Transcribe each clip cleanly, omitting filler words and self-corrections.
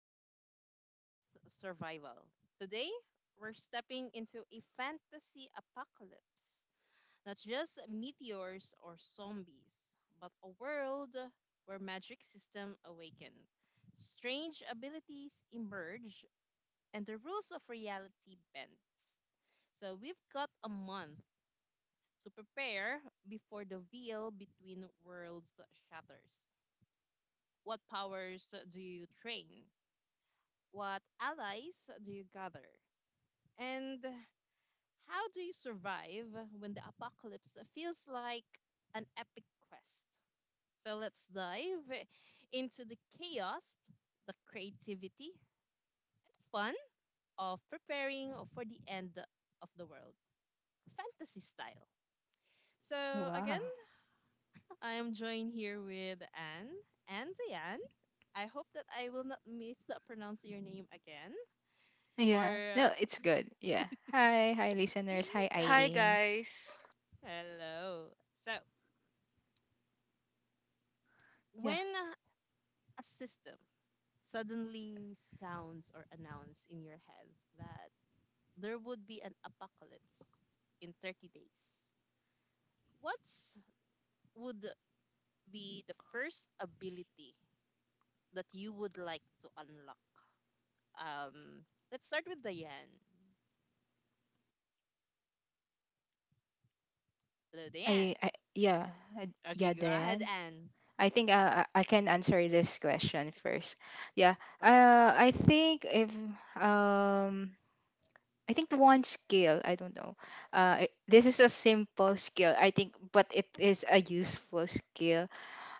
Imagination Meets Survival. Today, we're stepping into a fantasy apocalypse. Not just meteors or zombies, but a world where magic system awaken. Strange abilities emerge and the rules of reality bend. So we've got a month to prepare before the veil between worlds shatters. What powers do you train? What allies do you gather? And how do you survive when the apocalypse feels like an epic quest? So let's dive into the chaos, the creativity, and fun of preparing for the end of the world, fantasy style. So again, Wow. I am joined here with Anne and Diane. I hope that I will not mispronounce your name again Yeah. or No, it's good. Yeah. Hi, hi listeners. Hi uh, Hi Eileen. guys. Hello. So, Yeah. when a system suddenly sounds or announce in your head that there would be an apocalypse in 30 days, what would be the first ability that you would like to unlock? Um, let's start with Diane. Hello, Diane. I, yeah. Okay, Yeah, go ahead, Diane. Anne. I think, I can answer this question first. Yeah. Okay. Uh I think if um I think one skill, I don't know. This is a simple skill, I think, but it is a useful skill.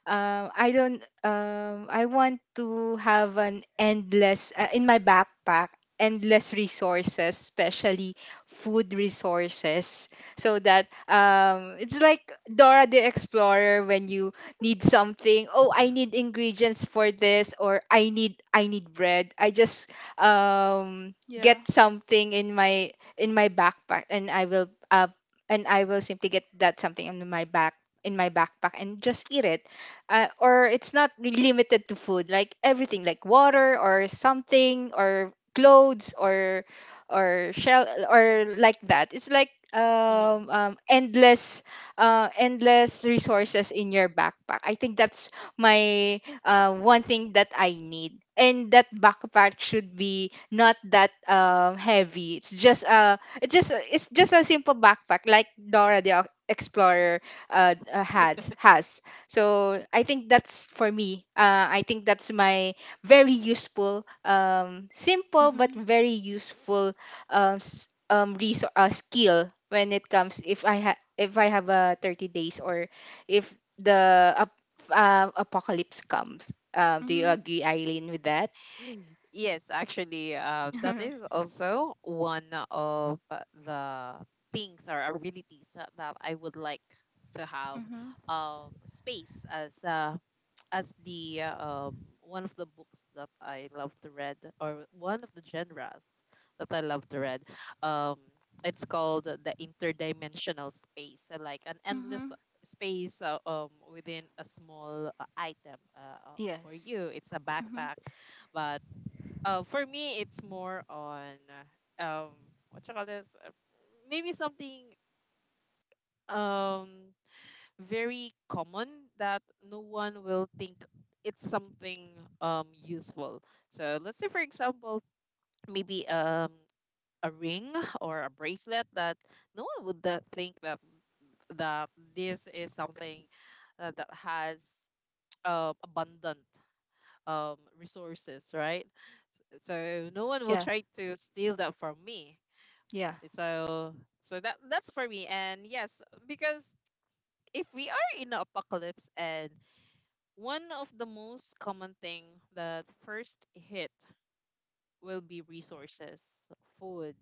I don't I want to have an endless, in my backpack, endless resources, especially food resources, so that, it's like Dora the Explorer. When you need something, oh, I need ingredients for this, or I need bread. I just um get Yeah. something in my backpack, and I will simply get that something in my backpack and just eat it. Or it's not really limited to food, like everything, like water or something, or clothes, or shell, or like that. It's like, Mhm. Endless resources in your backpack. I think that's my one thing that I need, and that backpack should be not that heavy. It's just a it's just a- it's just a simple backpack, like Dora the Explorer had has. So I think that's for me. I think that's my very useful, simple but Mhm. very useful, skill, when it comes, if I have a 30 days, or if the ap- apocalypse comes. Do you Mhm. agree, Eileen, with that? Yes, actually, that is also one of the things or abilities that I would like to have. mhm. Space as as the um, one of the books that I love to read, or one of the genres that I love to read. Um, it's called the interdimensional space, like an endless Mhm. space within a small item. For Yes. you, it's a Mhm. backpack, but for me, it's more on uh, um, what you call this? Maybe something um very common that no one will think it's something um useful. So, for example, maybe a ring or a bracelet that no one would think that this is something that has um abundant um resources, right? So no one Yeah. tried to steal that from me. Yeah. So that's for me. And yes, because if we are in the apocalypse and one of the most common thing that first hit will be resources, food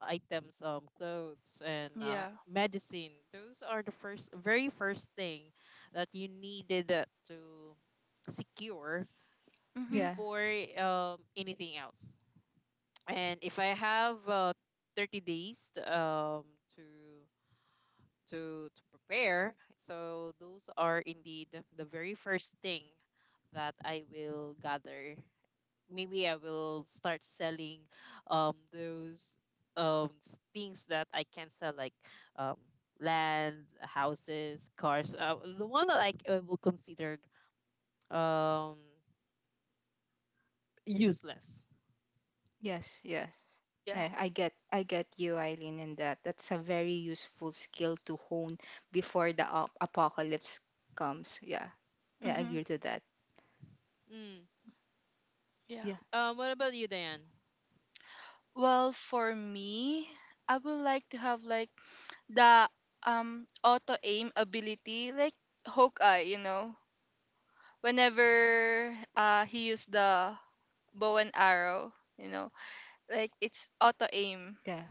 items, clothes, and Yeah. medicine. Those are the first very first thing that you needed to secure Mhm. Yeah. before anything else, and if I have 30 days to to prepare. So those are indeed the very first thing that I will gather. Maybe I will start selling those things that I can sell, like um land, houses, cars. The one that I will consider um useless. Yes, yes. Yeah. I get you, Eileen, in that. That's a very useful skill to hone before apocalypse comes. Yeah. Yeah, I Mhm. agree to that. Mm. Yeah. Yeah, What about you, Diane? Well, for me, I would like to have like the auto aim ability, like Hawkeye. You know, whenever he used the bow and arrow, you know, like it's auto aim yeah,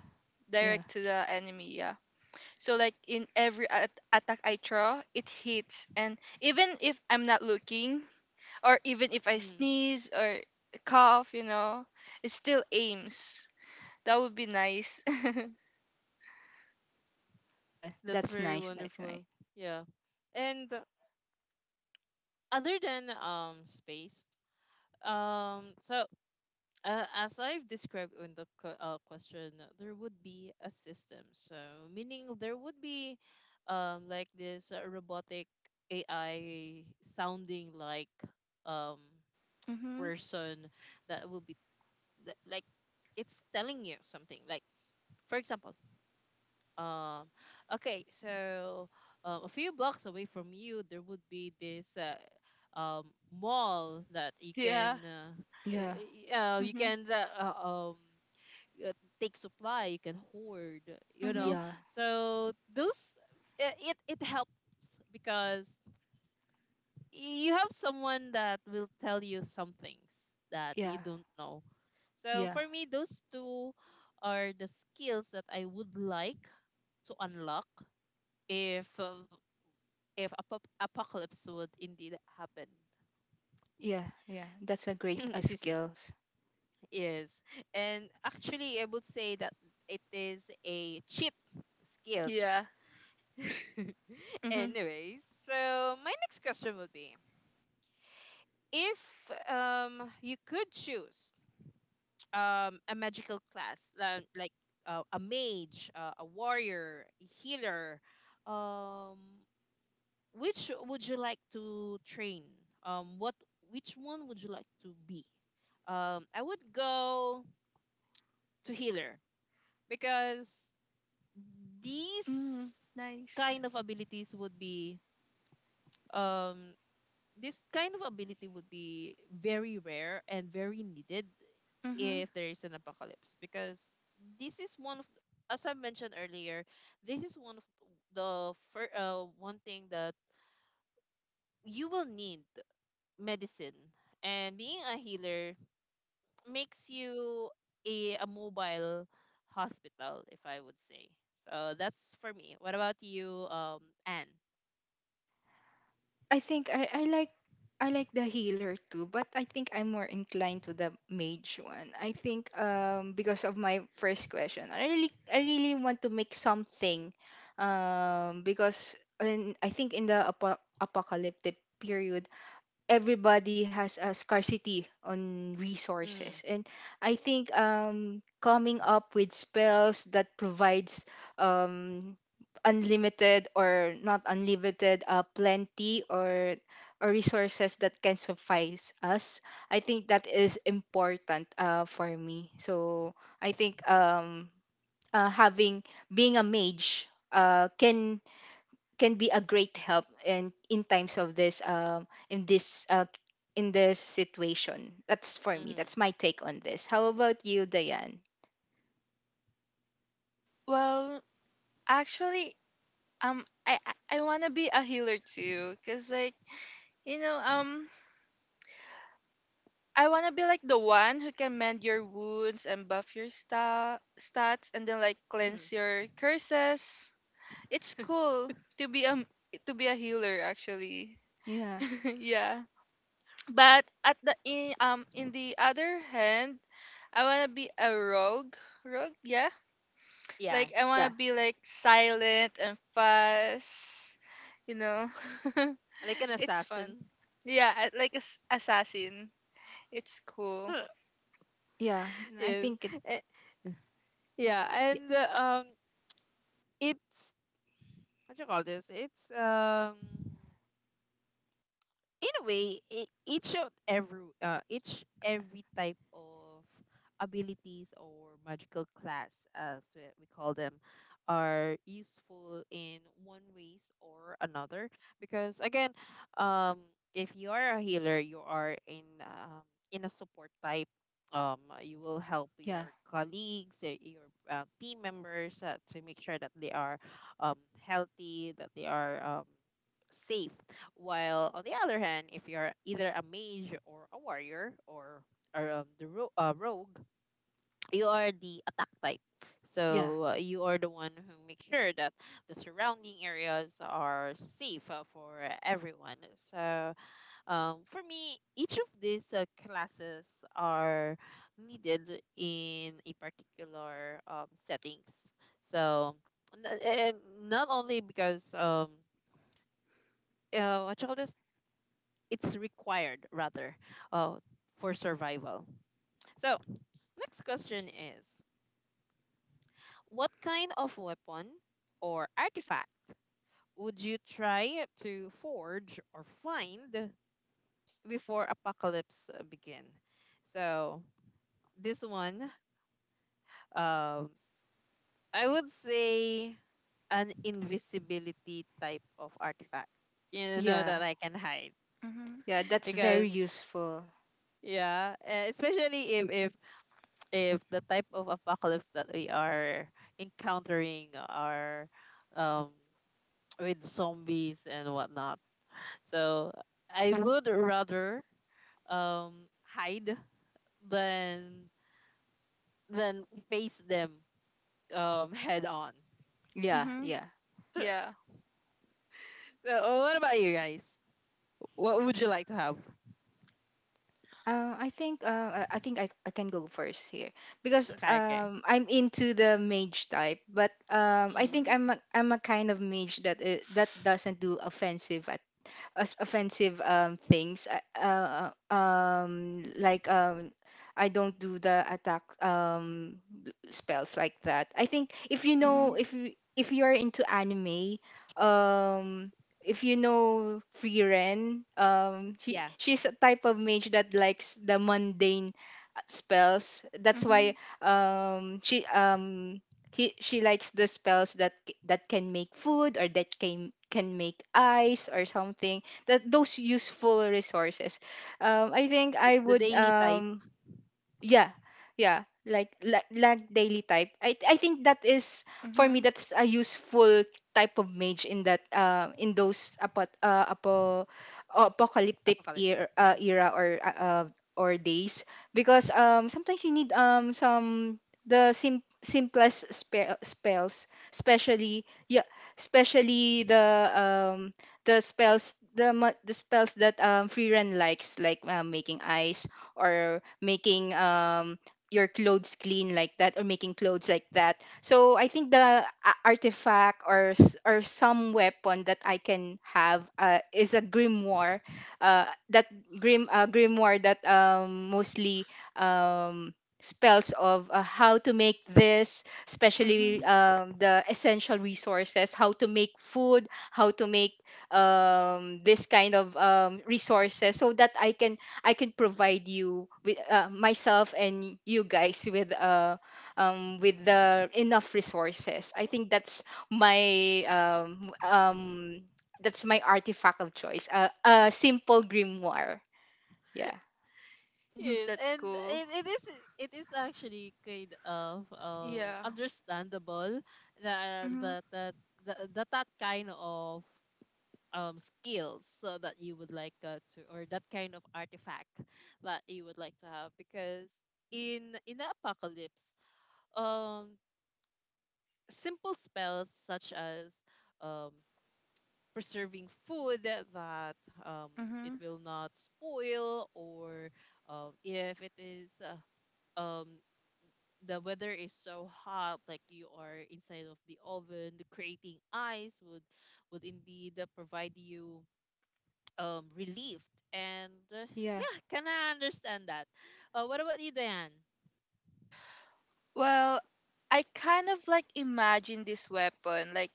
yeah, direct to the enemy. Yeah. So like in every attack I throw, it hits, and even if I'm not looking, or even if I Mm, sneeze or cough, you know, it still aims. That would be nice. yeah. that's That's very nice. That's nice. wonderful. Yeah. And other than space, Um, so as I've described in the question, there would be a system. So meaning there would be like this robotic AI sounding like um mhm. person that will be that, like, it's telling you something. Like, for example, um, okay, so a few blocks away from you, there would be this um, mall that you can Yeah. Yeah, you Mhm. can um, uh, take supply, you can hoard, you Mhm. know. yeah, So those, it it helped because you have someone that will tell you some things that you yeah, don't know. So yeah, for me, those two are the skills that I would like to unlock if uh, if apocalypse would indeed happen. yeah, yeah. That's a great, Excuse me. skills. Yes, and actually I would say that it is a cheap skills. Yeah. Mhm. Anyways, so my next question would be, if you could choose a magical class, like a mage, a warrior, a healer, um which would you like to train? What, which one would you like to be? I would go to healer because these Mhm. Nice. kind of abilities would be um this kind of ability would be very rare and very needed Mhm. if there is an apocalypse, because this is one of as I mentioned earlier, this is one of the one thing that you will need: medicine. And being a healer makes you a mobile hospital, if I would say. So that's for me. What about you, Anne? I think I I like the healer too, but I think I'm more inclined to the mage one. I think, because of my first question, I really want to make something, because, I think in apocalyptic period, everybody has a scarcity on resources, Mm, and I think coming up with spells that provides um unlimited, or not unlimited, plenty, or resources that can suffice us. I think that is important, for me. So I think, having being a mage, uh, can can be a great help in times of this, in this, in this situation. That's for me. mm, That's my take on this. How about you, Diane? Well, actually, I wanna be a healer too, cause like you know, I want to be like the one who can mend your wounds and buff your stats and then like mm. cleanse your curses. It's cool to be a to be a healer actually. Yeah, yeah. But at the in the other hand, I want to be a rogue. Rogue, yeah. Yeah, Like I want yeah, to be like silent and fast, you know. like an It's fun. assassin. Yeah, like a s assassin. It's cool. yeah. I Yes. think it Eh, yeah, y- and um, it's, what do you call this? It's. In a way, each of every each every type of abilities or magical class, as we call them, are useful in one ways or another. Because again, um, if you are a healer, you are in a support type. You will help Yeah, your colleagues, your team members, to make sure that they are um, healthy, that they are safe. While on the other hand, if you are either a mage or a warrior, or the rogue, you are the attack type. yeah, So you are the one who makes sure that the surrounding areas are safe for everyone. So for me, each of these classes are needed in a particular settings. So and not only because what you call this? It's required rather uh, for survival. So, next question is, what kind of weapon or artifact would you try to forge or find before apocalypse begin? So, this one, um I would say an invisibility type of artifact. You know yeah, that I can hide Mhm. yeah. That's very because, useful. yeah, especially if if the type of apocalypse that we are encountering are um, with zombies and whatnot. So I would rather um, hide than than face them head on. Yeah, Mhm. yeah. Yeah. So what about you guys? What would you like to have? I think, I can go first here, because, Okay, okay. I'm into the mage type, but, I Mm-hmm. think Mhm, I'm a kind of mage that doesn't do offensive, as offensive, things. Like, I don't do the attack, spells like that. I think if you know Mm. mhm, if you are into anime, um, if you know Free Ren, she Yeah, she's a type of mage that likes the mundane spells. That's why, mhm, she he she likes the spells that can make food, or that can make ice or something. That those useful resources. I think I the would, daily type yeah, yeah, like daily type. I think that is for me. mhm, That's a useful type of mage in that, in those, apocalyptic apocalypse. era, Mm-hmm. era, or days, because, sometimes you need, some, simplest spells, especially, yeah, especially um the spells, the spells that, Freerun likes, like, making ice, or making, your clothes clean like that, or making clothes like that. So I think the artifact, or some weapon that I can have, is a grimoire. That, grimoire that, mostly, um spells of, how to make this, especially, mhm. The essential resources, how to make food, how to make, this kind of, resources, so that I can provide you with, myself and you guys with, with the enough resources. I think my um um that's my artifact of choice. A simple grimoire. Yeah. Yes, That's and cool. it is, it is actually kind of Yeah. understandable that Mhm, that that that kind of skills so that you would like to, or that kind of artifact that you would like to have, because in the apocalypse, um simple spells such as um preserving food that um it mhm. will not spoil, or if it is um the weather is so hot like you are inside of the oven, the creating ice would indeed provide you relief. And Yeah. yeah, can I understand that. Uh, what about you, Diane? Well, I kind of like imagine this weapon. Like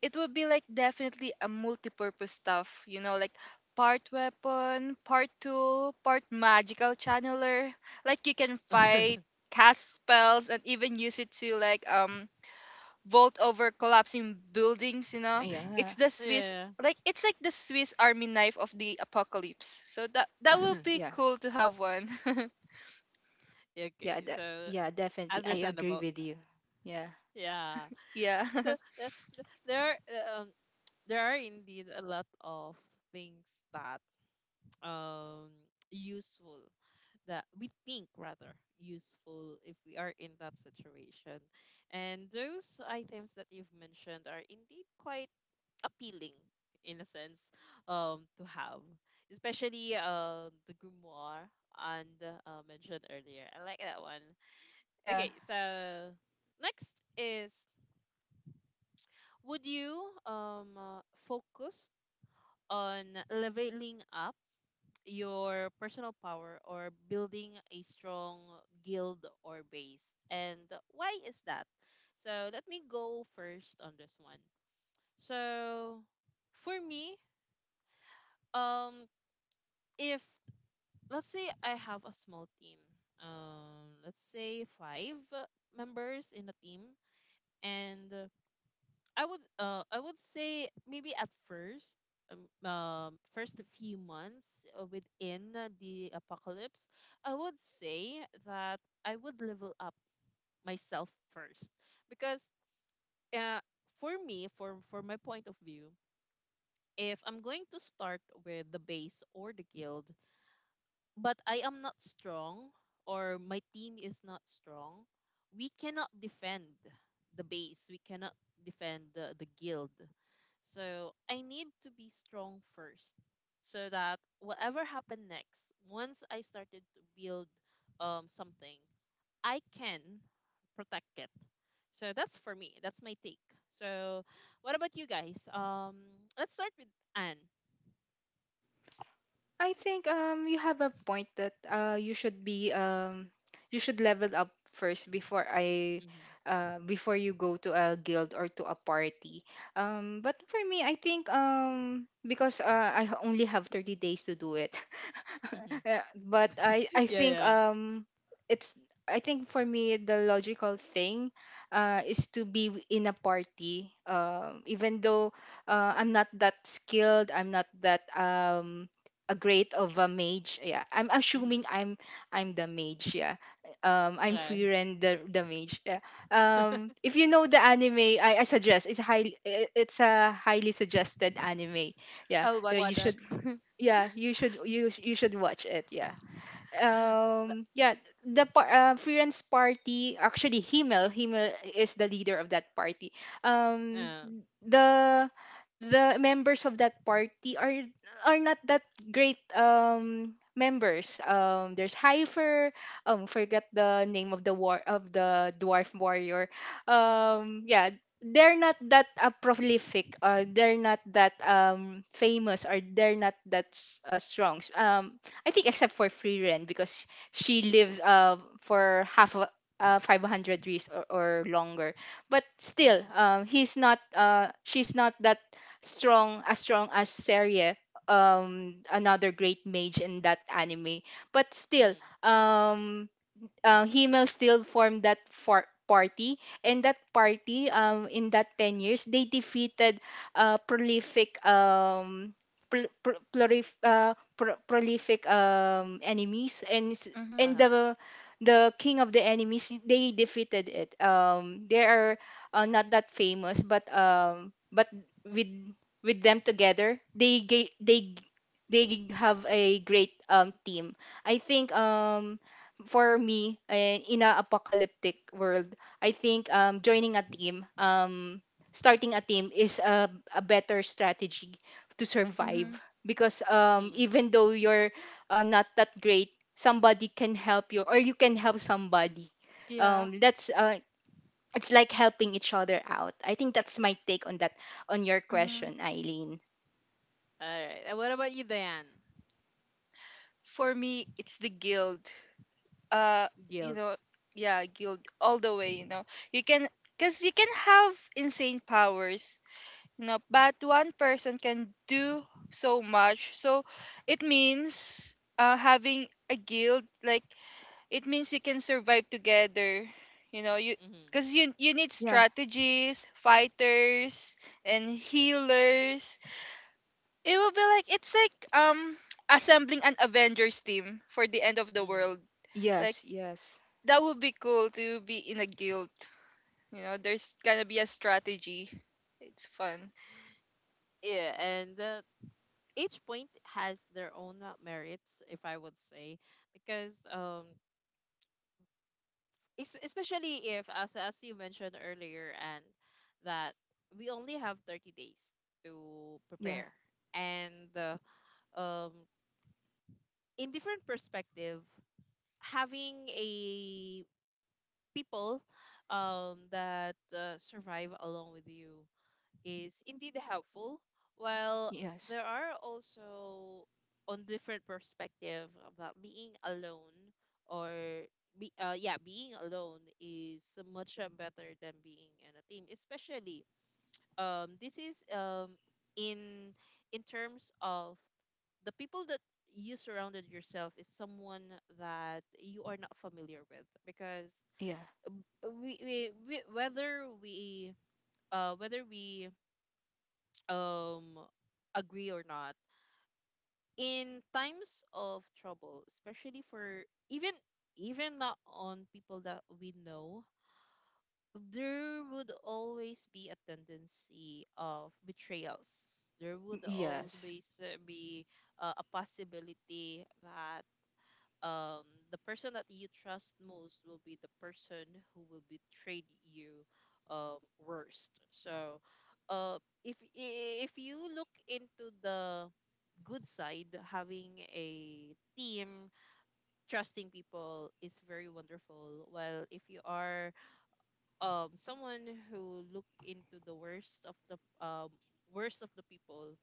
it would be like definitely a multi-purpose stuff, you know, like part weapon, part tool, part magical channeler. Like you can fight, cast spells, and even use it to like vault over collapsing buildings, you know. Yeah. It's the Swiss Yeah. like it's like the Swiss army knife of the apocalypse. So that Yeah. will be Yeah. cool to have one. Yeah. Okay, so Yeah, definitely. I agree understandable. with you. Yeah. Yeah. Yeah. So uh, there are, there are indeed a lot of things that um useful that we think, rather useful, if we are in that situation. And those items that you've mentioned are indeed quite appealing in a sense, to have, especially the grimoire and mentioned earlier. I like that one. Yeah. Okay, so next is, would you focus on leveling up your personal power or building a strong guild or base? And why is that? So let me go first on this one. So for me, um, if, let's say I have a small team, let's say five members in a team, and I would say maybe at first, um, first few months within the apocalypse, I would say that I would level up myself first, because uh for me, for my point of view, if I'm going to start with the base or the guild but I am not strong, or my team is not strong, we cannot defend the base. We cannot defend the guild. So I need to be strong first, so that whatever happened next, once I started to build something, I can protect it. So that's for me. That's my take. So what about you guys? Let's start with Anne. I think, you have a point that, you should level up first before, I Mm-hmm. Before you go to a guild or to a party. But for me I think, because, only have 30 days to do it. Mm-hmm. Yeah, but Yeah, yeah. It's I think for me the logical thing, is to be, in a party, even though, I'm not that skilled, I'm not that, a great of a mage. Yeah, I'm assuming Mm-hmm. I'm the mage. Yeah. I'm Okay. Frieren, the mage. Yeah. If you know the anime, I suggest, it's highly, it's a highly suggested anime. Yeah, I'll yeah, watch you that. Watched. should. Yeah, you should watch it. Yeah. Yeah. The freelance party, actually, Himmel is the leader of that party. um Uh, the the members of that party are not that great, members. There's Heifer. Forgot the name of the dwarf warrior. Yeah. They're not that, prolific, or they're not that, famous, or they're not that, strong. I think except for Free Rent, because she lives, for half a, 500 years, or longer, but still, mm, he's not she's not that strong, as strong as Seria, another great mage in that anime. But still, mm, um Himmel still formed that, party, and that party, in that 10 years, they defeated, prolific, prolific, enemies, and Mhm. uh-huh. the king of the enemies, they defeated it. They are, not that famous, but, but with with them together, they they have a great, team. I think, for me, in a apocalyptic world, I think, joining a team starting a team is a better strategy to Mhm. survive, because, Mm. even though you're, not that great, somebody can help you, or you can help somebody. Yeah. That's It's like helping each other out. I think that's my take on that, on your Mhm. question, Eileen. All right. And what about you, Diane? For me, it's the guild. Uh, you Guilt. know, yeah, guild all the way, you know. You can cuz you can have insane powers. No, but one person can do so much. So it means having a guild, like it means you can survive together. You know, you Mm-hmm. because you need Yeah. strategies, fighters, and healers. It will be like it's like assembling an Avengers team for the end of the Mm-hmm. world. Like Yes, yes, that would be cool to be in a guild. You know, there's gonna be a strategy. It's fun. Yeah, and each point has their own merits, if I would say, because es- especially if, as you mentioned earlier, and that we only have 30 days to yeah. prepare, and um, in different perspective, having a people that survive along with you is indeed helpful. While Yes. there are also on different perspective about being alone, or yeah, being alone is much better than being in a team, especially this is in in terms of the people that you surrounded yourself is someone that you are not familiar with, because Yeah. We whether we uh whether we um agree or not, in times of trouble, especially for even not on people that we know, there would always be a tendency of betrayals. There would Yes. always be a possibility that um, the person that you trust most will be the person who will betray you worst. So, if you look into the good side, having a team, trusting people is very wonderful. While if you are someone who look into the worst of the um people,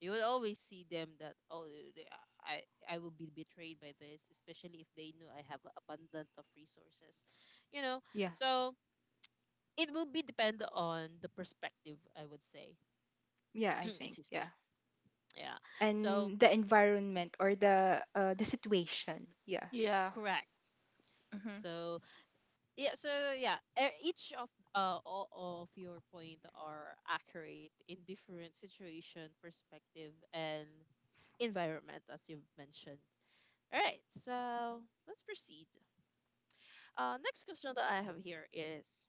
you will always see them that oh, i I will be betrayed by this, especially if they know I have abundant of resources. you know Yeah, so it will be depend on the perspective, I would say. yeah. I think, Excuse me. yeah, Yeah. so and the environment or the, the situation. Yeah. Yeah. Correct. so yeah so yeah, each of all of your point are accurate in different situation, perspective, and environment, as you've mentioned. All right, so let's proceed. Next question that I have here is,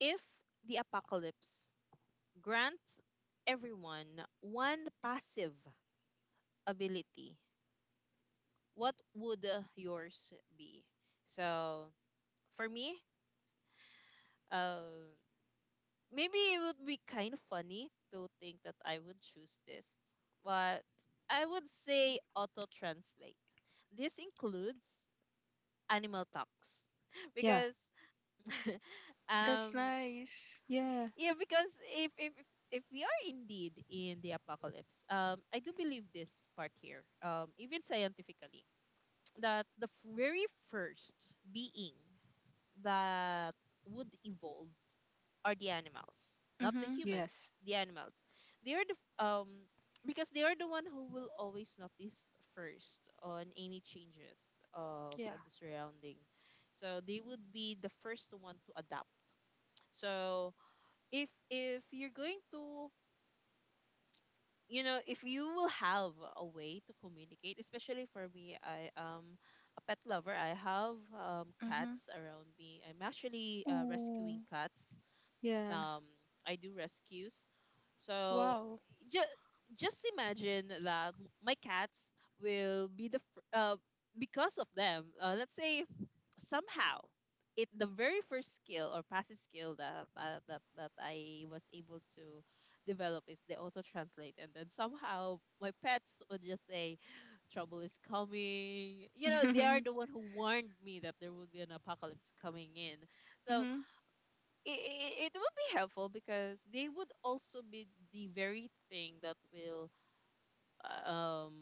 if the apocalypse grants everyone one passive ability, what would yours be? So for me, uh, maybe it would be kind of funny to think that I would choose this, but I would say auto translate. This includes animal talks Yeah. because That's um nice. Yeah. yeah, because if we are indeed in the apocalypse, I do believe this part here, even scientifically, that the very first being that would evolve are the animals, not the Mm-hmm. humans, Yes. the animals. They are the because they are the one who will always notice first on any changes of Yeah. the surrounding. So they would be the first one to adapt. So if you're going to if you will have a way to communicate, especially for me, I am a pet lover. I have Mm-hmm. cats around me. I'm actually Oh. rescuing cats. Yeah. um I do rescues. So Wow. just just imagine that my cats will be the because of them. Let's say somehow it the very first skill or passive skill that I was able to develop is the auto translate, and then somehow my pets would just say trouble is coming. They are the one who warned me that there would be an apocalypse coming in. So Mm-hmm. It would be helpful because they would also be the very thing that will uh, um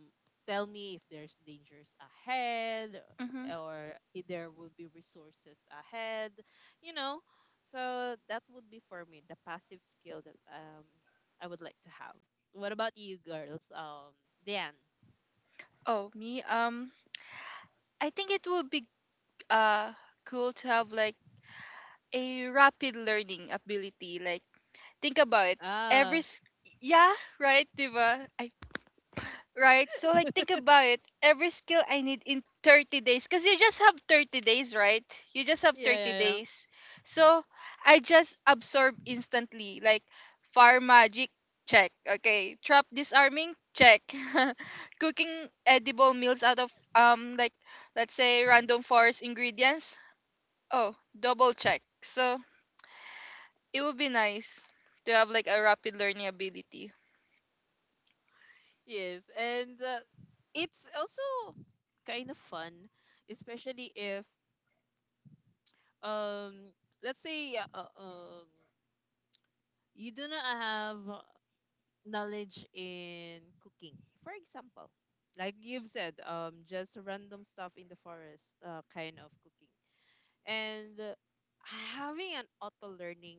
tell me if there's dangers ahead Mm-hmm. or if there would be resources ahead you know so that would be for me the passive skill that I would like to have. What about you, girls? Dan? Oh, me. I think it would be uh cool to have like a rapid learning ability. Like, think about it. Every Ah, s- yeah, right, diba? I Right? So like think about it. Every skill I need in 30 days cuz you just have 30 days, right? You just have yeah, 30 yeah, yeah. days. So I just absorb instantly like fire magic check. Okay, trap disarming check. Cooking edible meals out of like let's say random forest ingredients. Oh, double check. So it would be nice to have like a rapid learning ability. Yes, and it's also kind of fun, especially if um let's say you do not have knowledge in cooking, for example, like you've said, just random stuff in the forest, kind of cooking, and having an auto learning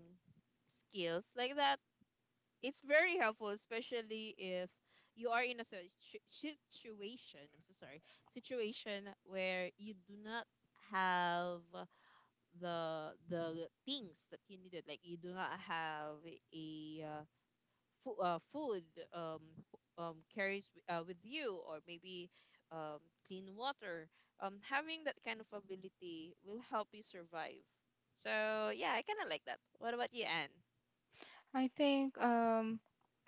skills like that, it's very helpful, especially if you are in a situation, I'm so sorry, situation where you do not have the things that you needed. Like you do not have a food, um, carries with you, or maybe um, clean water. Having that kind of ability will help you survive. So yeah, I kind of like that. What about you, Anne? I think,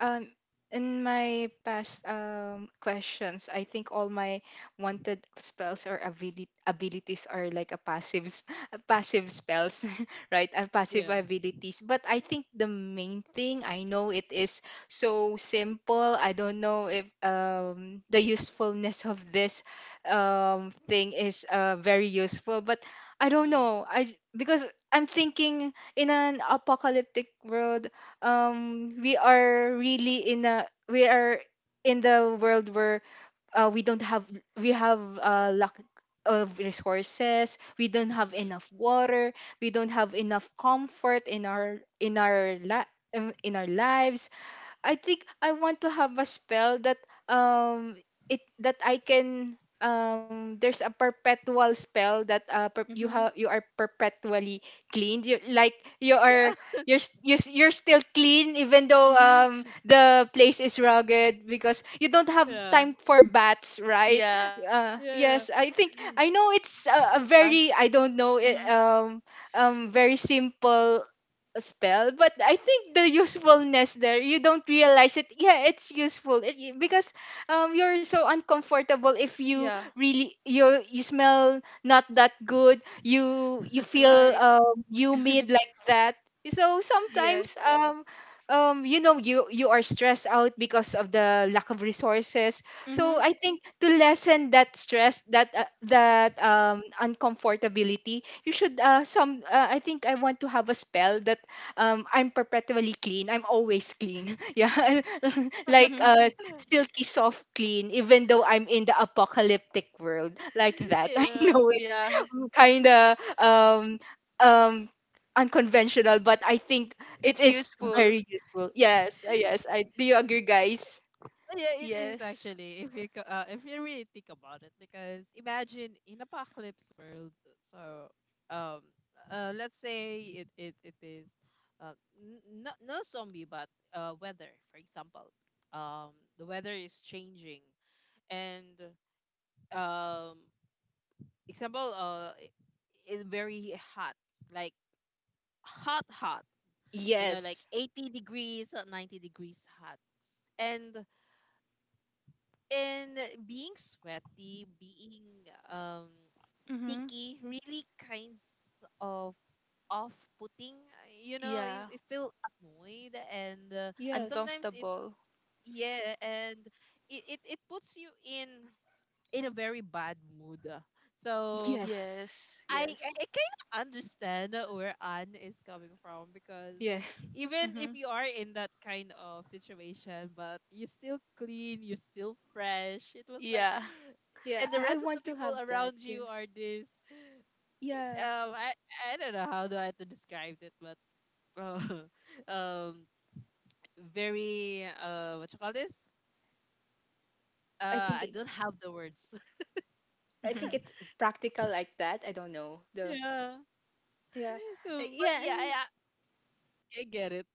um in my past, questions, I think all my wanted spells or, abilities are like a passive, a passive spells, right? A passive Yeah. abilities. But I think the main thing, I know it is so simple. I don't know if, the usefulness of this, thing is, very useful, but I don't Mm. know. I Because I'm thinking in an apocalyptic world, we are in the world where, we don't have we have a lack of resources, we don't have Mm. enough water, we don't have enough comfort in our li- in our lives. I think I want to have a spell that, um it that I can, there's a perpetual spell that, Mhm. You are perpetually cleaned, Yeah. You're still clean, even though, Mhm. The place is rugged, because you don't have Yeah. time for baths, right? Yeah. Yeah. Yes, I Mhm. think, I know it's a very, I don't know, very simple spell, but I think the usefulness there, you don't realize it. Yeah, it's useful, because, you're so uncomfortable if you, Yeah. really, you smell not that good, you feel, Right. Humid like that. So sometimes, Yes. You are stressed out because of the lack of resources. So Mhm. I think to lessen that stress, that, that, uncomfortability, you should, some, I think I want to have a spell that, I'm perpetually clean. I'm always clean. Yeah. Like, Mhm. Silky soft clean, even though I'm in the apocalyptic world like that. I Yeah. know it's Yeah. kind of, um unconventional, but I think it It's is useful. very useful. Yes. Yeah. Yes. I Do you agree, guys? Yeah, it is Yes. actually. If you if you really think about it, because imagine in apocalypse world. uh, So, let's say it is, no no zombie, but weather, for example. The weather is changing, and um, example, it's very hot, like hot, hot. You know, like Yes. 80 degrees, 90 degrees hot, and and being sweaty, being um Mhm. sticky really kinds of off-putting. You know, you, Yeah. you feel annoyed, and Yes. sometimes it's Uncomfortable. yeah, and it puts you in a very bad mood. So Yes. Yes. I Yes. kind of understand where Anne is coming from because Yeah. even if Mhm. you are in that kind of situation, but you still clean, you still fresh. It was like, Yeah. Yeah, and the I rest of the want to people have that. around you Yeah. are this. Yeah. Um, I I don't know how do I to describe it, but uh, um, very what you call this? I think I it don't have the words. I think Mhm. it's practical like that. I don't know. The Yeah, Yeah, but yeah, yeah, and I get it.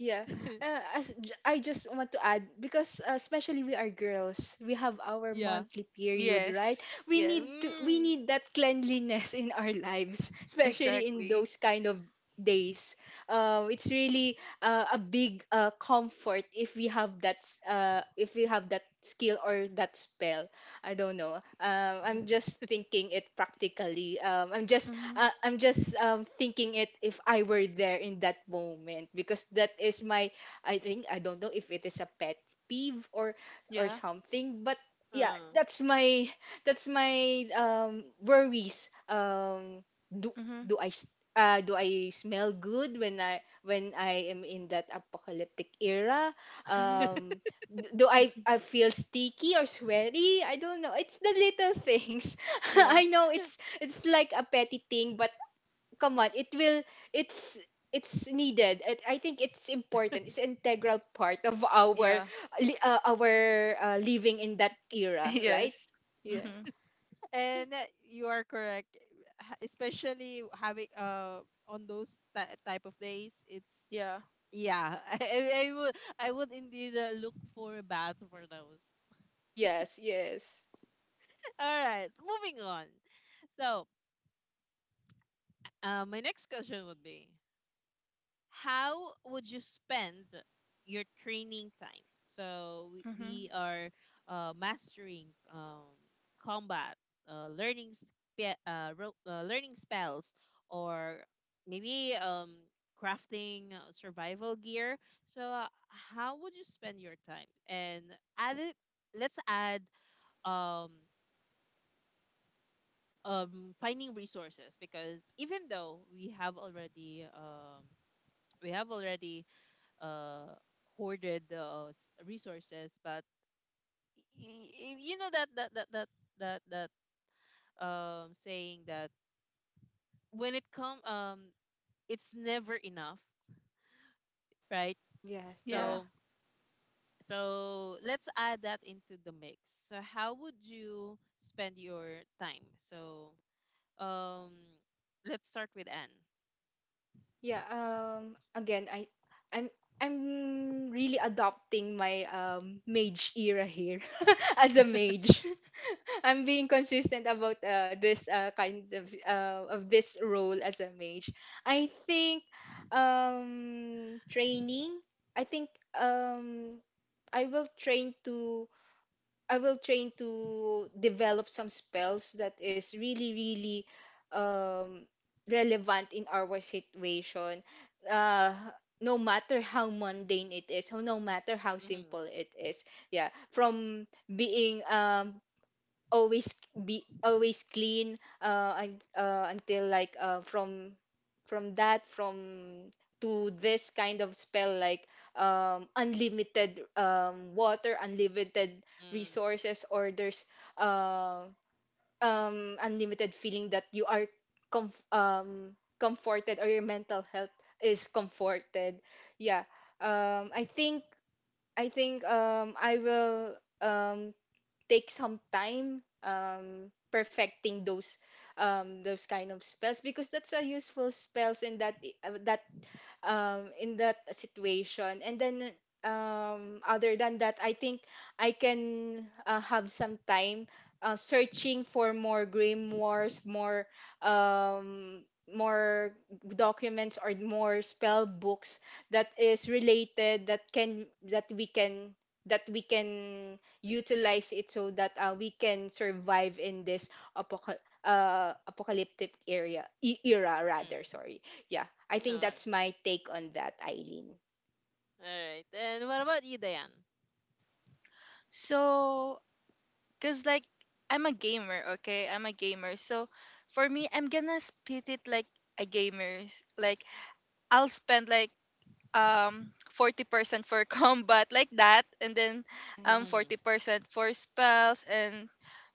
yeah. I just want to add because especially we are girls, we have our Yeah. monthly period, right? Yes. Yes. We Mm. need that cleanliness in our lives, especially in Exactly. those kind of days. It's really a big comfort if we have that if we have that skill or that spell. I don't know. I'm just thinking it practically. Mhm. I'm just thinking it if I were there in that moment because that is my. I think I don't know if it is a pet peeve or Yeah. something, but yeah, Uh. That's my worries. Mhm. do I s- do I smell good when I am in that apocalyptic era? Mhm. Um d- do I feel sticky or sweaty. I don't know, it's the little things. Yeah. I know it's like a petty thing, but come on, it's it's needed. I think it's important. It's integral part of our Yeah. Our living in that era, right? yes. Yeah. Mhm. And you are correct. Especially having on those type of days, it's Yeah. yeah. I would indeed look for a bath for those. Yes, yes. All right, moving on. So, my next question would be, how would you spend your training time? So we Mhm. are mastering um, combat, learning learning spells, or maybe crafting survival gear. So how would you spend your time? And add it. Let's add um, finding resources, because even though we have already we have already uh, hoarded resources. But you know that that that that that that saying that when it come it's never enough, right? Yeah, yeah. Yeah. So so let's add that into the mix. So how would you spend your time? So um, let's start with Yeah, again, I'm I'm really adopting my mage era here as a mage. I'm being consistent about this kind of this role as a mage. I think training. I think um I will train to I will train Anne. to develop some spells that is really really um relevant in our situation. Uh no matter how mundane it is, no matter how simple it is. Yeah, from being always be always clean until like from that from to this kind of spell like unlimited water, unlimited Mm. resources, or there's uh, unlimited feeling that you are comforted or your mental health is comforted. Yeah. Um i think i think um I will um take some time perfecting those kind of spells because that's a useful spells and that in that situation. And then, other than that, I think I can have some time searching for more grim wars, um, more documents or more spell books that is related that can that we can that we can utilize it so that we can survive in this apocalyptic era rather, Mm. sorry. Yeah, I think No. that's my take on that, Eileen. Alright. And what about you, Diane? So, cause like I'm a gamer, okay? I'm a gamer. So, for me, I'm gonna split it like a gamer, like I'll spend like 40% for combat like that and then Uh, yeah, Mm. 40% for spells and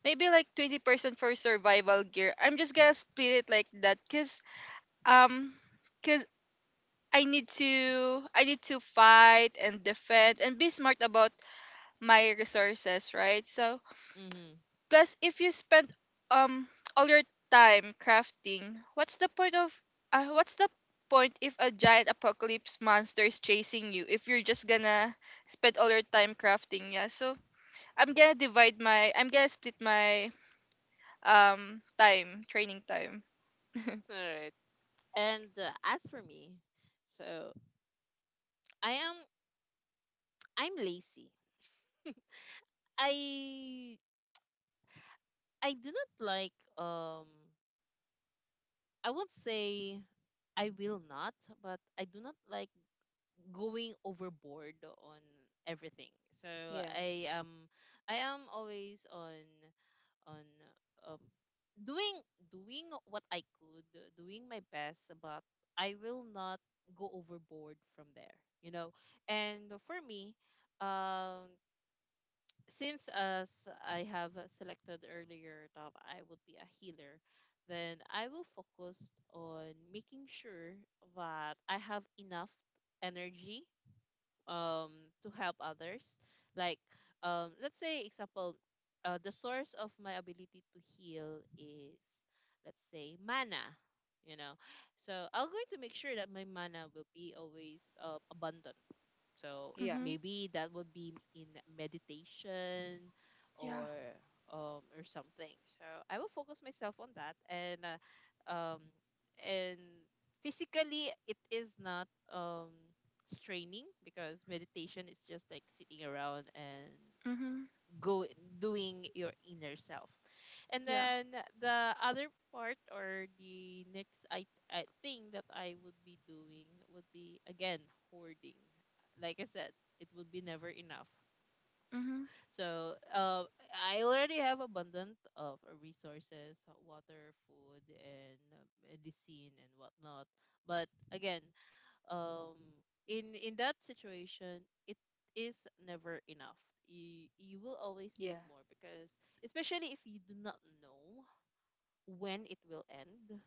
maybe like 20% for survival gear. I'm just going to split it like that cuz um cuz I need to fight and defend and be smart about my resources, right? So Mm-hmm. plus, if you spend um all your time crafting, what's the point of what's the point if a giant apocalypse monster is chasing you if you're just gonna spend all your time crafting? Yeah, so I'm gonna split my time training time. Alright. And as for me, so I am I'm lazy. I I do not like I won't say I will not, but I do not like going overboard on everything. So yeah, I am I am always on on um, doing what I could, doing my best, but I will not go overboard from there, you know. And for me, um, since as I have selected earlier that I would be a healer, then I will focus on making sure that I have enough energy um to help others, like let's say, example, the source of my ability to heal is, let's say, mana. you know so I'm going to make sure that my mana will be always abundant. So yeah, Mhm. maybe that would be in meditation Yeah. or or something. So I will focus myself on that, um and physically it is not straining, because meditation is just like sitting around and Mhm. go doing your inner self. And Yeah. then the other part, or the next I thing that I would be doing would be again hoarding. Like I said, it would be never enough. Mhm. So I already have abundant of resources, water, food, and medicine and whatnot. But again, um, in that situation, it is never enough. You will always need yeah, more, because especially if you do not know when it will end,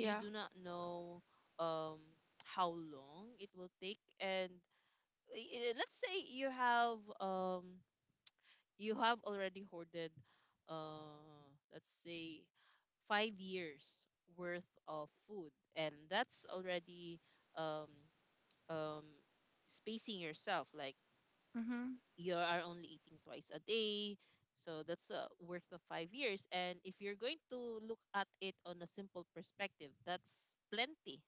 you do not know um how long it will take, and let's say you have already hoarded uh let's say 5 years worth of food, and that's already um um spacing yourself, like Mhm. you are only eating twice a day. So that's worth of 5 years. And if you're going to look at it on a simple perspective, that's plenty.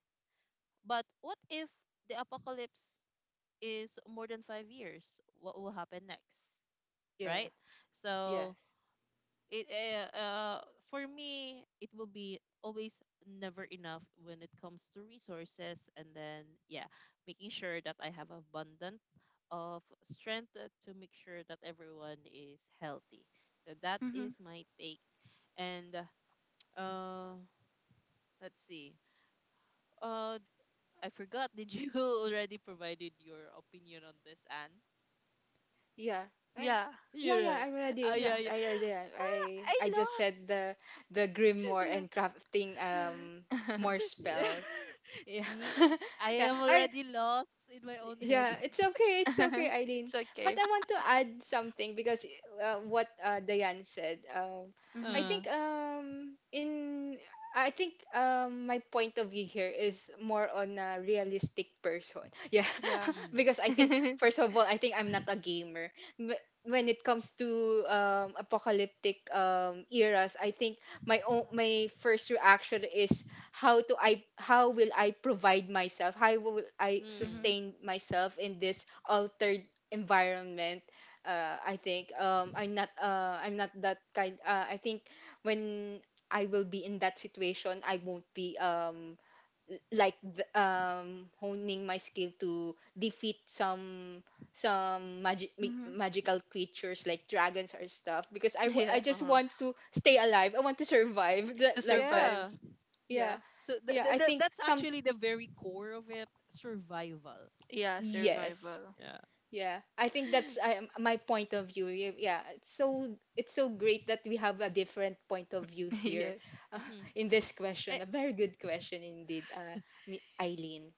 But what if the apocalypse is more than 5 years? What will happen next? yeah, Right? So yes, it for me, it will be always never enough when it comes to resources. And then yeah, making sure that I have abundant of strength to make sure that everyone is healthy. So that is Mhm. my take. And uh uh, let's see, uh I forgot, did you already provided your opinion on this, Anne? yeah. I, Yeah. yeah, You're yeah. I'm oh ready. Yeah. yeah, yeah. I already. Ah, I I just lost. said the grimoire and crafting more Yeah. spell. Yeah, See, I yeah. am I. already lost in my own head. Yeah, it's okay. It's okay, It's Eileen. But okay. I want to add something because what Diane said. I Mhm. Uh. think in I think my point of view here is more on a realistic person. Yeah, Yeah. Mm. because I think first of all, I think I'm not a gamer. When it comes to apocalyptic eras, I think my first reaction is how will I provide myself? How will I Mm. mhm. sustain myself in this altered environment? I think I'm not that kind. I think when I will be in that situation, I won't be honing my skill to defeat some some magic Mhm. magical creatures like dragons or stuff because I Yeah. just Uh-huh. want to stay alive. I want to survive To that, like that. survive. Yeah. Yeah. Yeah. So Yeah, I think that's some actually the very core of it, survival. Yeah, yes. survival. Yeah. Yeah. I think that's my point of view. Yeah. It's so great that we have a different point of view here yes. uh, Mm-hmm. in this question. Eh, A very good question indeed, Eileen.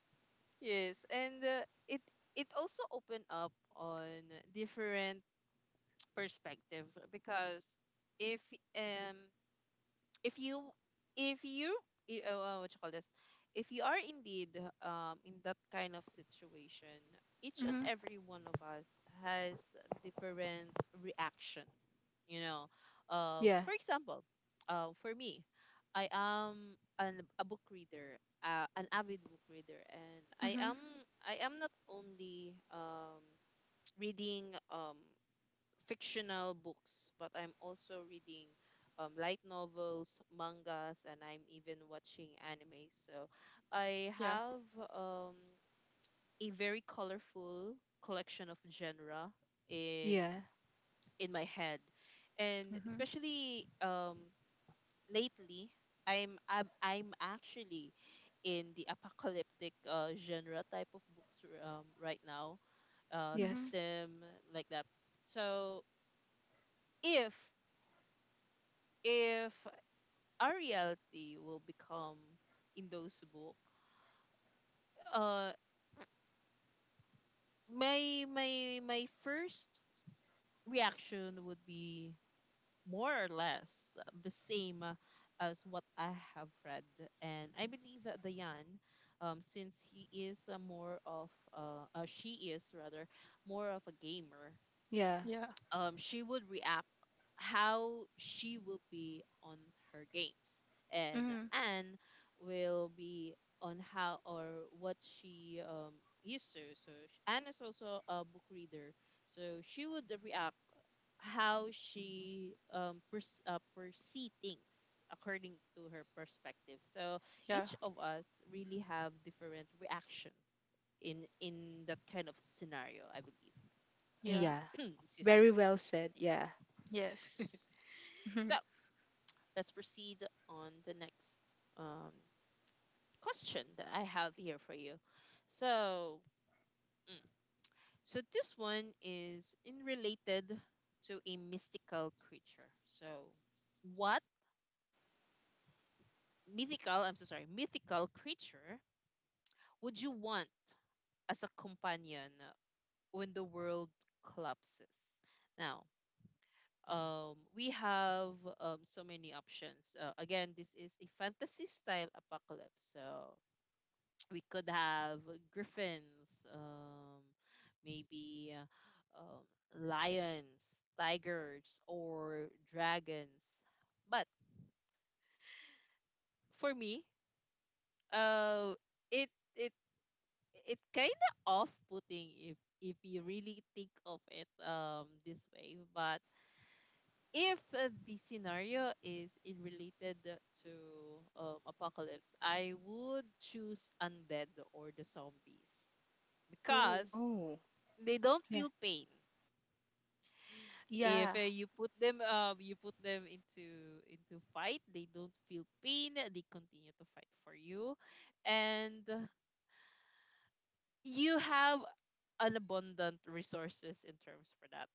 yes, and it also opened up on different perspective, because if um if you if you what you call this, if you are indeed in that kind of situation, each and Mhm. every one of us has different reaction, you know Yeah. for example, for me, I am a book reader, an avid book reader, and I am Mhm. Not only reading fictional books, but I'm also reading light novels, mangas, and I'm even watching anime. So I Yeah. have um, a very colorful collection of genre in Yeah. My head. And Mhm. especially lately, I'm actually in the apocalyptic genre type of books right now, Yes. Mhm. system like that. So if if our reality will become in those book, uh, my first reaction would be more or less the same as what I have read, and I believe that Dayan, since he is a more of she is rather more of a gamer, Yeah. Yeah. She would react how she will be on her games and Mhm. Anne will be on how or what she used to so Anne is also a book reader so she would react how she perceive things according to her perspective so Yeah. each of us really have different reaction in that kind of scenario I believe. Yeah. Yeah. Excuse me. Very well said. Yeah. Yes. So Mhm. let's proceed on the next um, question that I have here for you. So, mm, so this one is in related to a mystical creature. So, what mythical? I'm so sorry, mythical creature would you want as a companion when the world collapses? Now, we have so many options. Again, this is a fantasy style apocalypse. So we could have griffins, maybe lions, tigers, or dragons. But for me, uh, it it it kind of off-putting if you really think of it this way. But if the scenario is in related to apocalypse, I would choose undead or the zombies Ooh. because Oh. they don't Yeah. feel pain. If Yeah. you put them you put them into fight, they don't feel pain, they continue to fight for you, and you have an abundant resources in terms for that.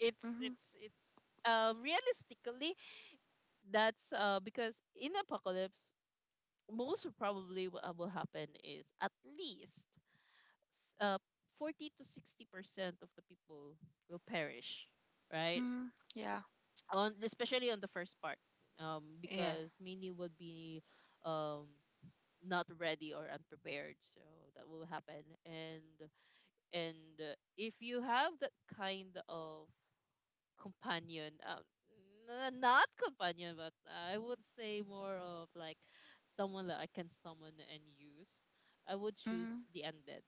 it's Mhm. it's it's realistically that's because in apocalypse most probably what will happen is at least s- uh 40 to 60% of the people will perish, right? Mhm. Yeah. On especially on the first part Yeah. because Minnie would be um not ready or unprepared, so that will happen. And if you have that kind of companion, not companion but I would say more of like someone that I can summon and use, I would choose Mhm. the undead.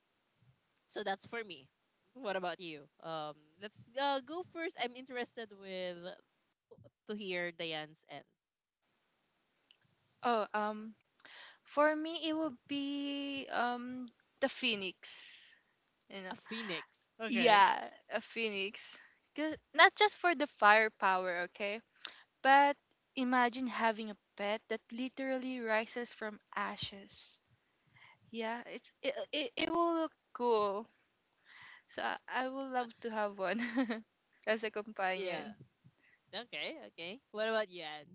So that's for me. What about you? Let's go first, I'm interested with to hear Diane's end. Oh, for me it would be the phoenix, you A know. phoenix. Okay. Yeah, a phoenix. 'Cause- not just for the firepower, okay? But imagine having a pet that literally rises from ashes. Yeah, it will look cool. So I would Uh, love to have one as a Yeah. companion. Okay. Okay. What about you, Anne?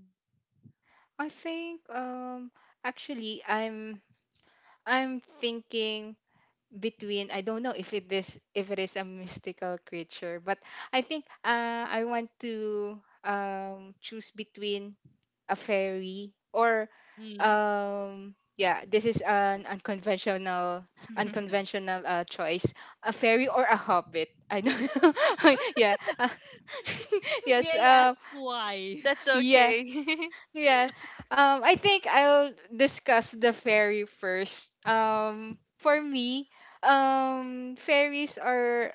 I think actually I'm thinking between, I don't know if it is, if it is a mystical creature, but I think I want to choose between a fairy or Hmm. Yeah, this is an unconventional unconventional uh, choice, a fairy or a hobbit. I don't know. yeah. May yes. I ask why? That's Yeah. okay. Yeah. I think I'll discuss the ferry first. For me, ferries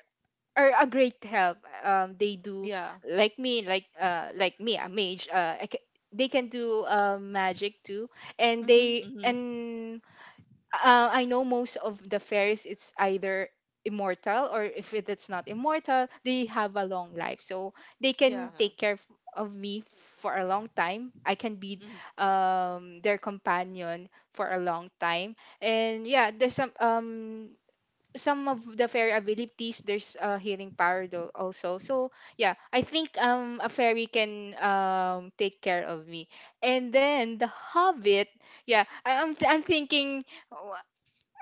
are a great help. They do yeah. like me, like me, a mage. They can do magic too, and Mm-hmm. they Mm-hmm. and I know most of the fairies, it's either immortal or if it's not immortal, they have a long life. So they Yeah. can Uh-huh. take care of me for a long time. I can be Mm-hmm. Their companion for a long time. And yeah, there's some of the fairy abilities, there's a healing power though also. So yeah, I think a fairy can take care of me. And then the hobbit, yeah. I, I'm th- I'm thinking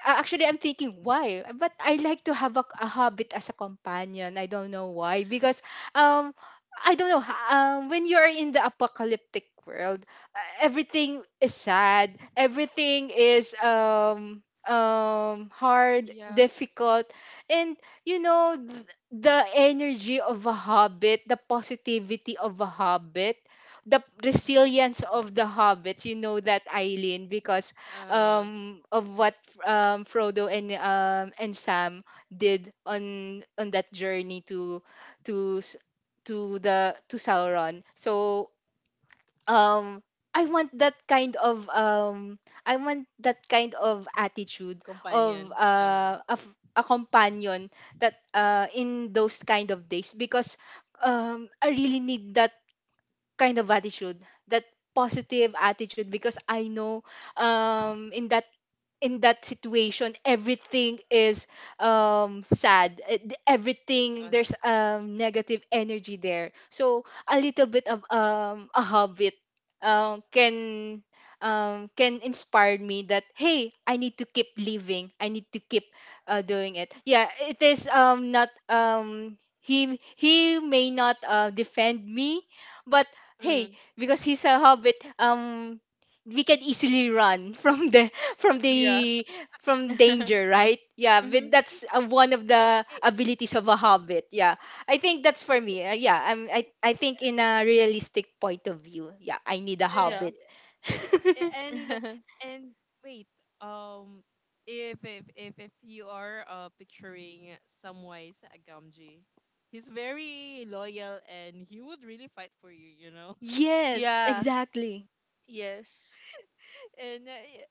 actually, I'm thinking why, but I like to have a hobbit as a companion. I don't know why, because um I don't know when you're in the apocalyptic world, everything is sad, everything is hard, Yeah. difficult, and you know the energy of a hobbit, the positivity of a hobbit. The resilience of the hobbits, you know that, Eileen, because Uh-huh. Of what Frodo and Sam did on that journey to to s- to the to Sauron. So um I want that kind of um I want that kind of attitude of Companion. Uh-huh. A companion that in those kind of days because I really need that kind of attitude, that positive attitude, because I know um in that in that situation everything is sad. Everything, Uh-huh. there's negative energy there. So a little bit of a habit uh, can can inspire me that hey, I need to keep living, I need to keep doing it. Yeah, it is not he he may not defend me, but hey, Mm. because he's a hobbit, we can easily run from the from Yeah. the from danger, right? Yeah, but Mm-hmm. that's one of Eh, the eh, abilities of a hobbit. Yeah, I think that's for me. Yeah, I'm I think in a realistic point of view, yeah, I need a Yeah. hobbit. eh, eh, and Wait. Um. If if you are picturing Samwise Gamgee, he's very loyal and he would really fight for you, you know. yes, Yeah. exactly. Yes. and uh, eh,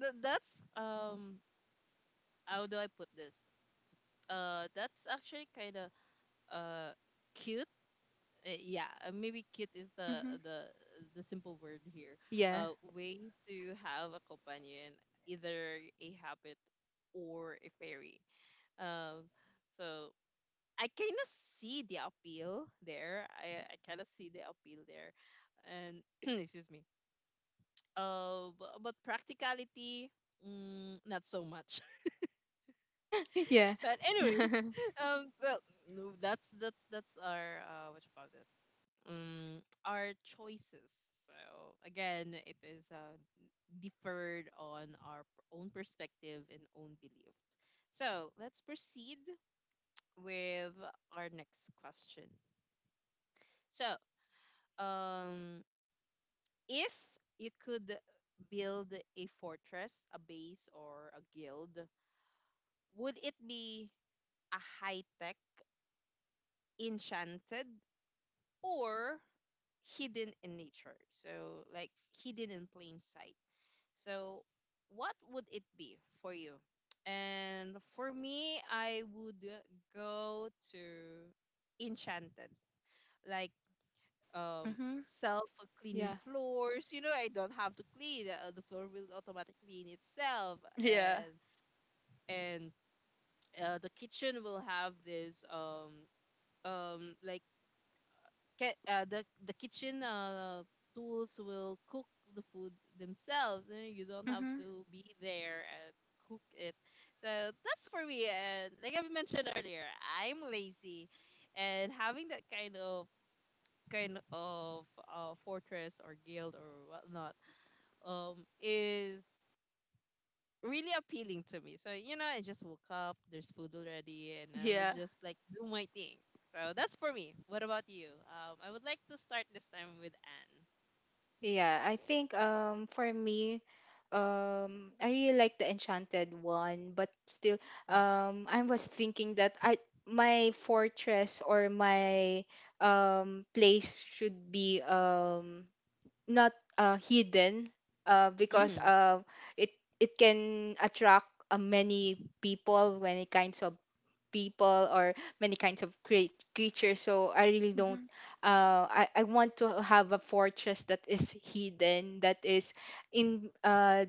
that's how do I put this? That's actually kind of uh cute. Yeah, maybe cute is Mm-hmm. The simple word here. Yeah, Way to have a companion, either a habit or a fairy. Um, so I kind of see the appeal there. I kind of see the appeal there, and excuse me. But practicality, not so much. yeah, But anyways, well, no, that's our, what you call this, our choices. So again, it is deferred on our own perspective and own belief. So let's proceed with our next question. So, um, if you could build a fortress, a base, or a guild, would it be a high tech, enchanted, or hidden in nature? So, like hidden in plain sight. So, what would it be for you? And for me, I would go to Enchanted, like um Mm-hmm. self-cleaning yeah. floors. You know, I don't have to clean. The floor will automatically clean itself, Yeah. and and the kitchen will have this like the kitchen tools will cook the food themselves and you don't have Mm-hmm. to be there and cook it. So that's for me, and like I mentioned earlier, I'm lazy, and having that kind of kind of fortress or guild or whatnot is really appealing to me. So, you know, I just woke up, there's food already, and I would Yeah. just like do my thing. So that's for me. What about you? I would like to start this time with Yeah, I think for me, I really like the Enchanted one, but still Anne. I was thinking that I my fortress or my place should be not hidden because Mm-hmm. It it can attract many people, many kinds of people, or many kinds of great creatures. So I really don't Mm-hmm. I want to have a fortress that is hidden, that is in uh,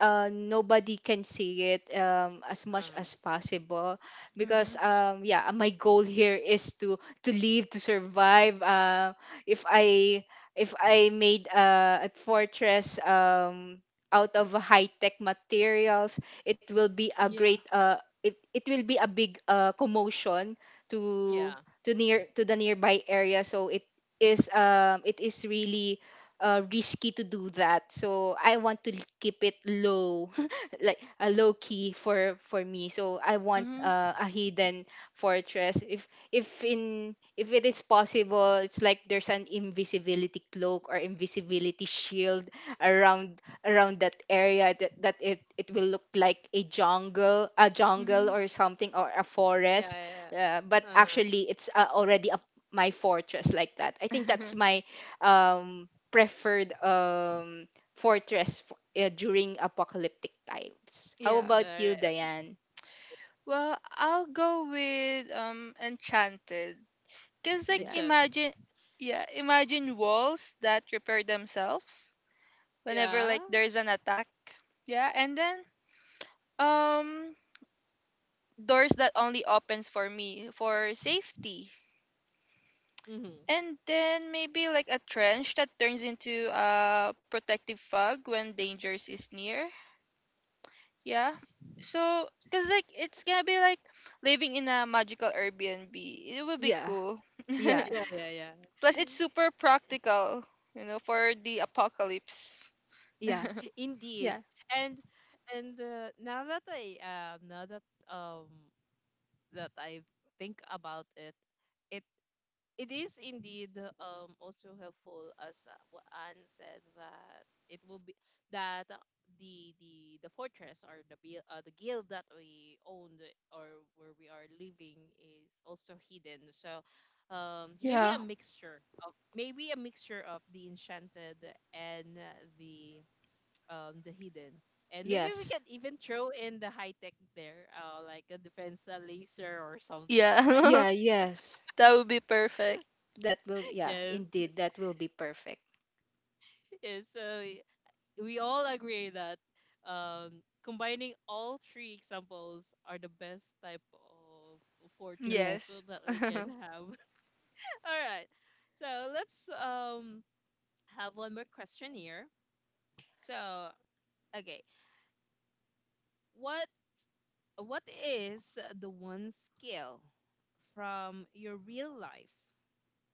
uh, nobody can see it as much Hmm. as possible because Mm-hmm. Yeah, my goal here is to live, to survive. If i if I made a fortress out of high tech materials, it will be a great Yeah. uh, it will be a big commotion to Yeah. to near to the nearby area. So it is really risky to do that. So I want to keep it low, like a low key for me. So I want Mm-hmm. A hidden fortress. If it is possible, it's like there's an invisibility cloak or invisibility shield around that area, that, that it will look like a jungle Mm-hmm. or something or a Yeah. forest. Yeah. But Yeah. Uh-huh. actually, it's already a my fortress like that. I think that's my um preferred fortress during apocalyptic times. How yeah. All about you, right. Diane? Well, I'll go with Enchanted. Cause like And Yeah. chat. imagine, yeah, imagine walls that repair themselves whenever Yeah. like there's an attack. Yeah, and then um doors that only opens for me for safety. Mm-hmm. And then maybe like a trench that turns into a protective fog when dangers is near. Yeah. So cause like it's gonna be like living in a magical Airbnb. It would be Yeah. cool. Yeah. Yeah. Yeah. Yeah. Plus it's super Yeah. practical, you know, for the apocalypse. Yeah. Indeed. Yeah. And and Now that I now that um I think about it, it it is indeed also helpful as what Anne said, that it will be that, the fortress or the the guild that we owned or where we are living is also hidden. So maybe Yeah. a mixture of the enchanted and the the hidden, and maybe we Yes. can even throw in the high tech there, like a defense laser or something, Yeah, right? Yeah, yes. that would be perfect. That will, yeah, Yes. indeed that will be perfect. Yes, so we all agree that combining all three examples are the best type of fortress Yes. so Yes. that we can have. All right. So let's have one more question here. So, okay, what is the one skill from your real life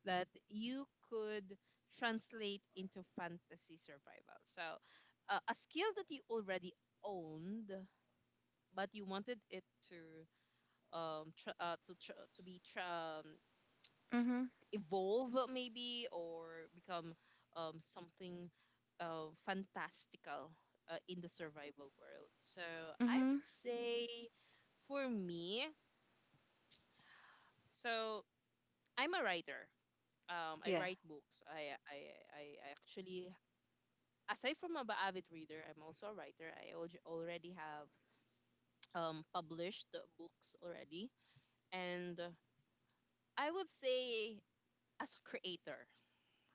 that you could translate into fantasy survival? So a skill that you already owned but you wanted it to tr to tr to be tr Mhm. evolve, maybe, or become something fantastical in the survival world. So I would Mhm. say, for me, so I'm a writer. I Yeah. write books. I actually, aside from a avid reader, I'm also a writer. I already have published books already, and I would say as a creator,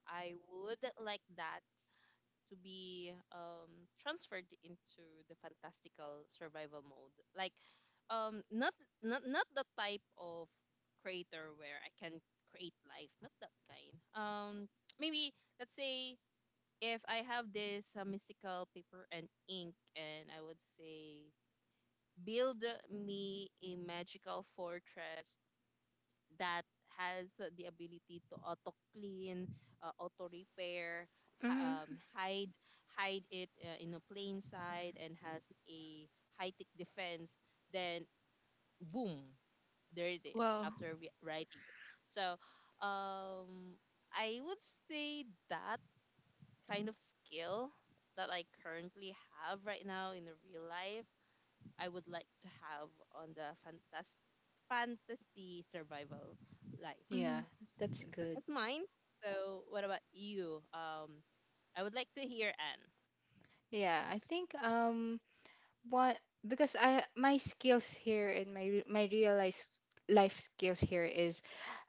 I would like that to be transferred into the fantastical survival mode. Like, um, not not the type of creator where I can create life. Not that kind. Maybe let's say if I have this mystical paper and ink, and I would say, build me a magical fortress that has the ability to auto clean, auto repair, Mhm. hide it in a plain sight, and has a high tech defense, then boom, there it is Wow. after writing it. So, um, I would say that kind of skill that I currently have right now in the real life, I would like to have on the fantasy survival life. Mhm. Yeah. That's So good. that's mine. So what about you? I would like to hear Anne. Yeah, I think what, because I my skills here and my re- my real life life skills here is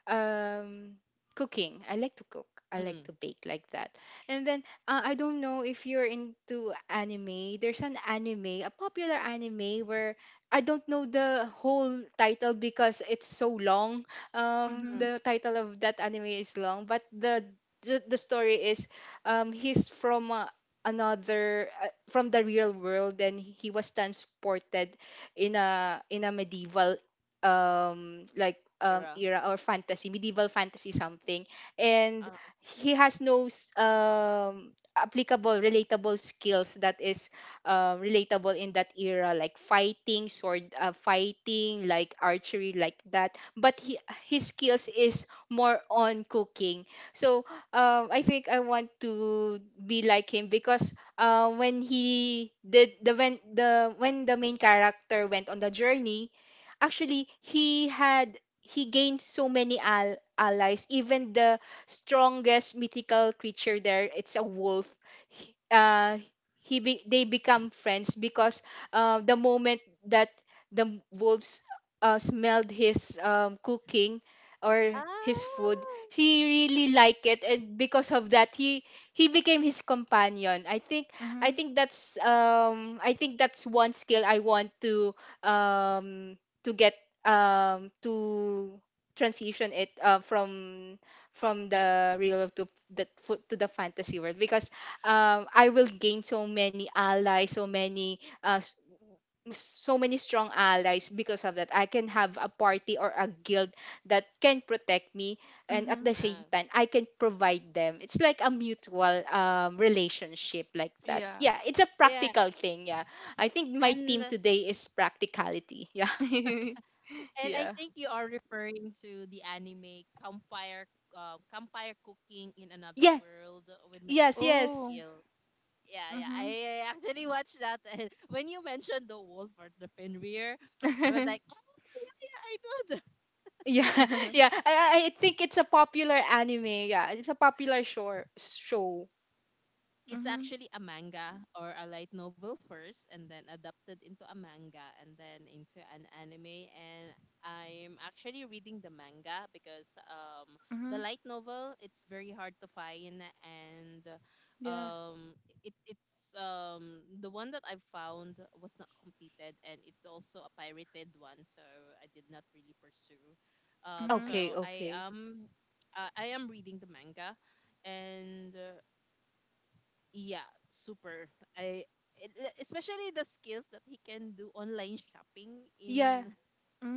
um cooking. I like to cook, I like Mm, to bake, like that. And then I don't know if you're into anime, there's an anime, a popular anime where I don't know the whole title because it's so long. Mm, Mhm. The title of that anime is long, but the story is he's from another from the real world and he was transported in a medieval Vera. era, or fantasy, medieval fantasy something, and Uh, he has no applicable, relatable skills that is relatable in that era, like fighting, sword fighting, like archery, like that. But he, his skills is more on cooking. So I think I want to be like him because when he did the when the when the main character went on the journey, actually he had, he gained so many allies, even the strongest mythical creature there, it's a wolf. he- uh they become friends because the moment that the wolves smelled his cooking or his food, he really liked it, and because of that he became his companion. I think, I Mhm. think that's I think that's one skill I want um to get to transition it from the real to the fantasy world because I will gain so many allies, so many so many strong allies. Because of that, I can have a party or a guild that can protect me, and at Mhm. the same Uh, time I can provide them. It's like a mutual relationship, like that. Yeah. Yeah, it's a yeah, practical thing. Yeah, I think my and team today is practicality, yeah. and I yeah. think you are referring to the anime Campfire Campfire Cooking in Another Yes, World with my yes, absorb yes. Oh. skill. Yeah, yeah, Mhm. I actually watched that, and when you mentioned the wolf or the Fenrir, I was like, oh yeah, I know. Yeah, yeah. I think it's a popular anime. Yeah, it's a popular Show. It's Mhm. actually a manga or a light novel first, and then adapted into a manga, and then into an anime. And I'm actually reading the manga because the Mhm. light novel it's very hard to find, and Yeah. um, it's the one that I found was not completed, and it's also a pirated one, so I did not really pursue. Mhm. Okay, So okay. I am reading the manga, and yeah, super. I especially the skills that he can do online shopping Yeah. in.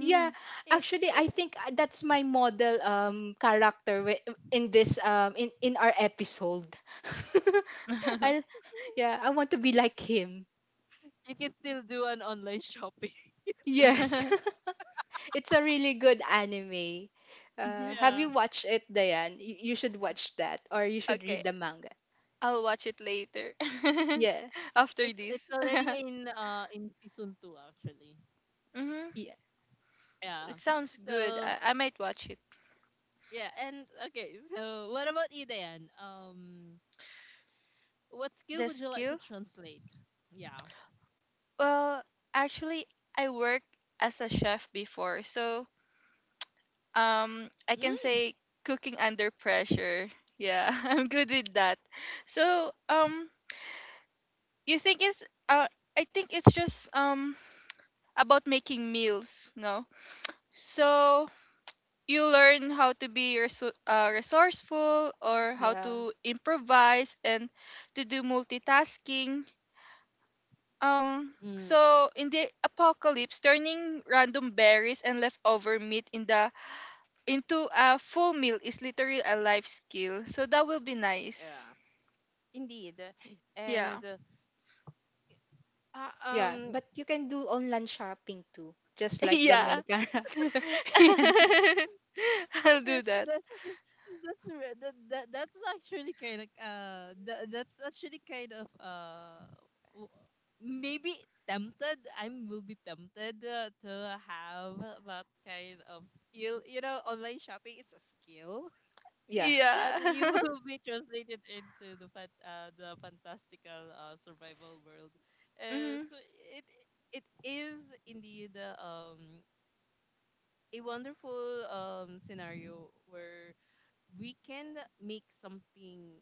Yeah, eh, actually I think that's my model character in this in our episode. I, yeah, I want to be like him. he can still do an online shopping. Yes. it's a really good anime. mhm. Have you Yeah. watched it, Diane? You should watch that or you should Okay, read the manga. I'll watch it later. Yeah. After this. It's already in season 2 actually. Mhm. Yeah. Yeah. It sounds good. So, I might watch it. yeah, and okay, so what about you then? What skill The would you like to skill? translate? Yeah. Well, actually, I worked as a chef before, so I can Mm, say cooking under pressure. Yeah, I'm good with that. So, you think it's uh I think it's just about making meals, no? So, you learn how to be resourceful or how Yeah. to improvise and to do multitasking. Mm, So in the apocalypse, turning random berries and leftover meat in the into a full meal is literally a life skill. So that will be nice. yeah. Indeed. Yeah. And uh, Yeah, um but you can do online shopping too, just like the Yeah. main character. I'll do that. that, that, that that's actually kind of that, that's actually kind of w- maybe tempted, I will be tempted to have that kind of skill, you know, online shopping, it's a skill yeah. Yeah. that you will be translated into the fan the fantastical survival world. And mhm. so it it is indeed, a wonderful scenario where we can make something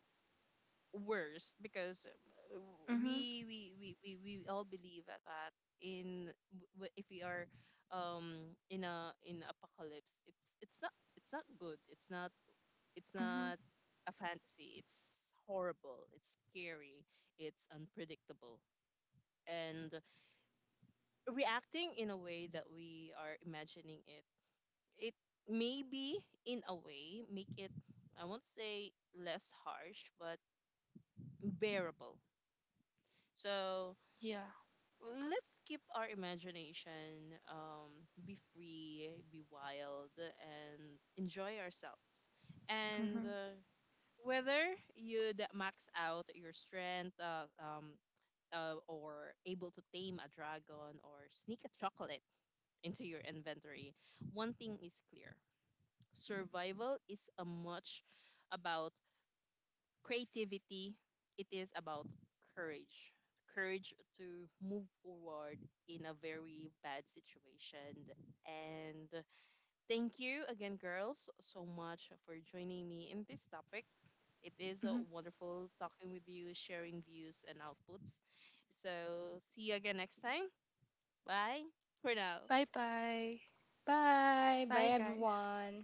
worse because, uh, Mhm. We all believe at that, in if we are in a in apocalypse, it's not good it's Mhm. not a fantasy, it's horrible, it's scary, it's unpredictable, and reacting in a way that we are imagining it, it maybe in a way make it, I won't say less harsh, but bearable. So Yeah. let's keep our imagination, be free, be wild, and enjoy ourselves. And Mhm. Whether you'd max out your strength, or able to tame a dragon or sneak a chocolate into your inventory, one thing is clear: survival is a much about creativity, it is about courage. Courage to move forward in a very bad situation. And thank you again, girls, so much for joining me in this topic. It is Mhm. wonderful talking with you, sharing views and outputs. So, see you again next time. Bye for now. Bye bye. Bye. Bye, Bye guys. everyone.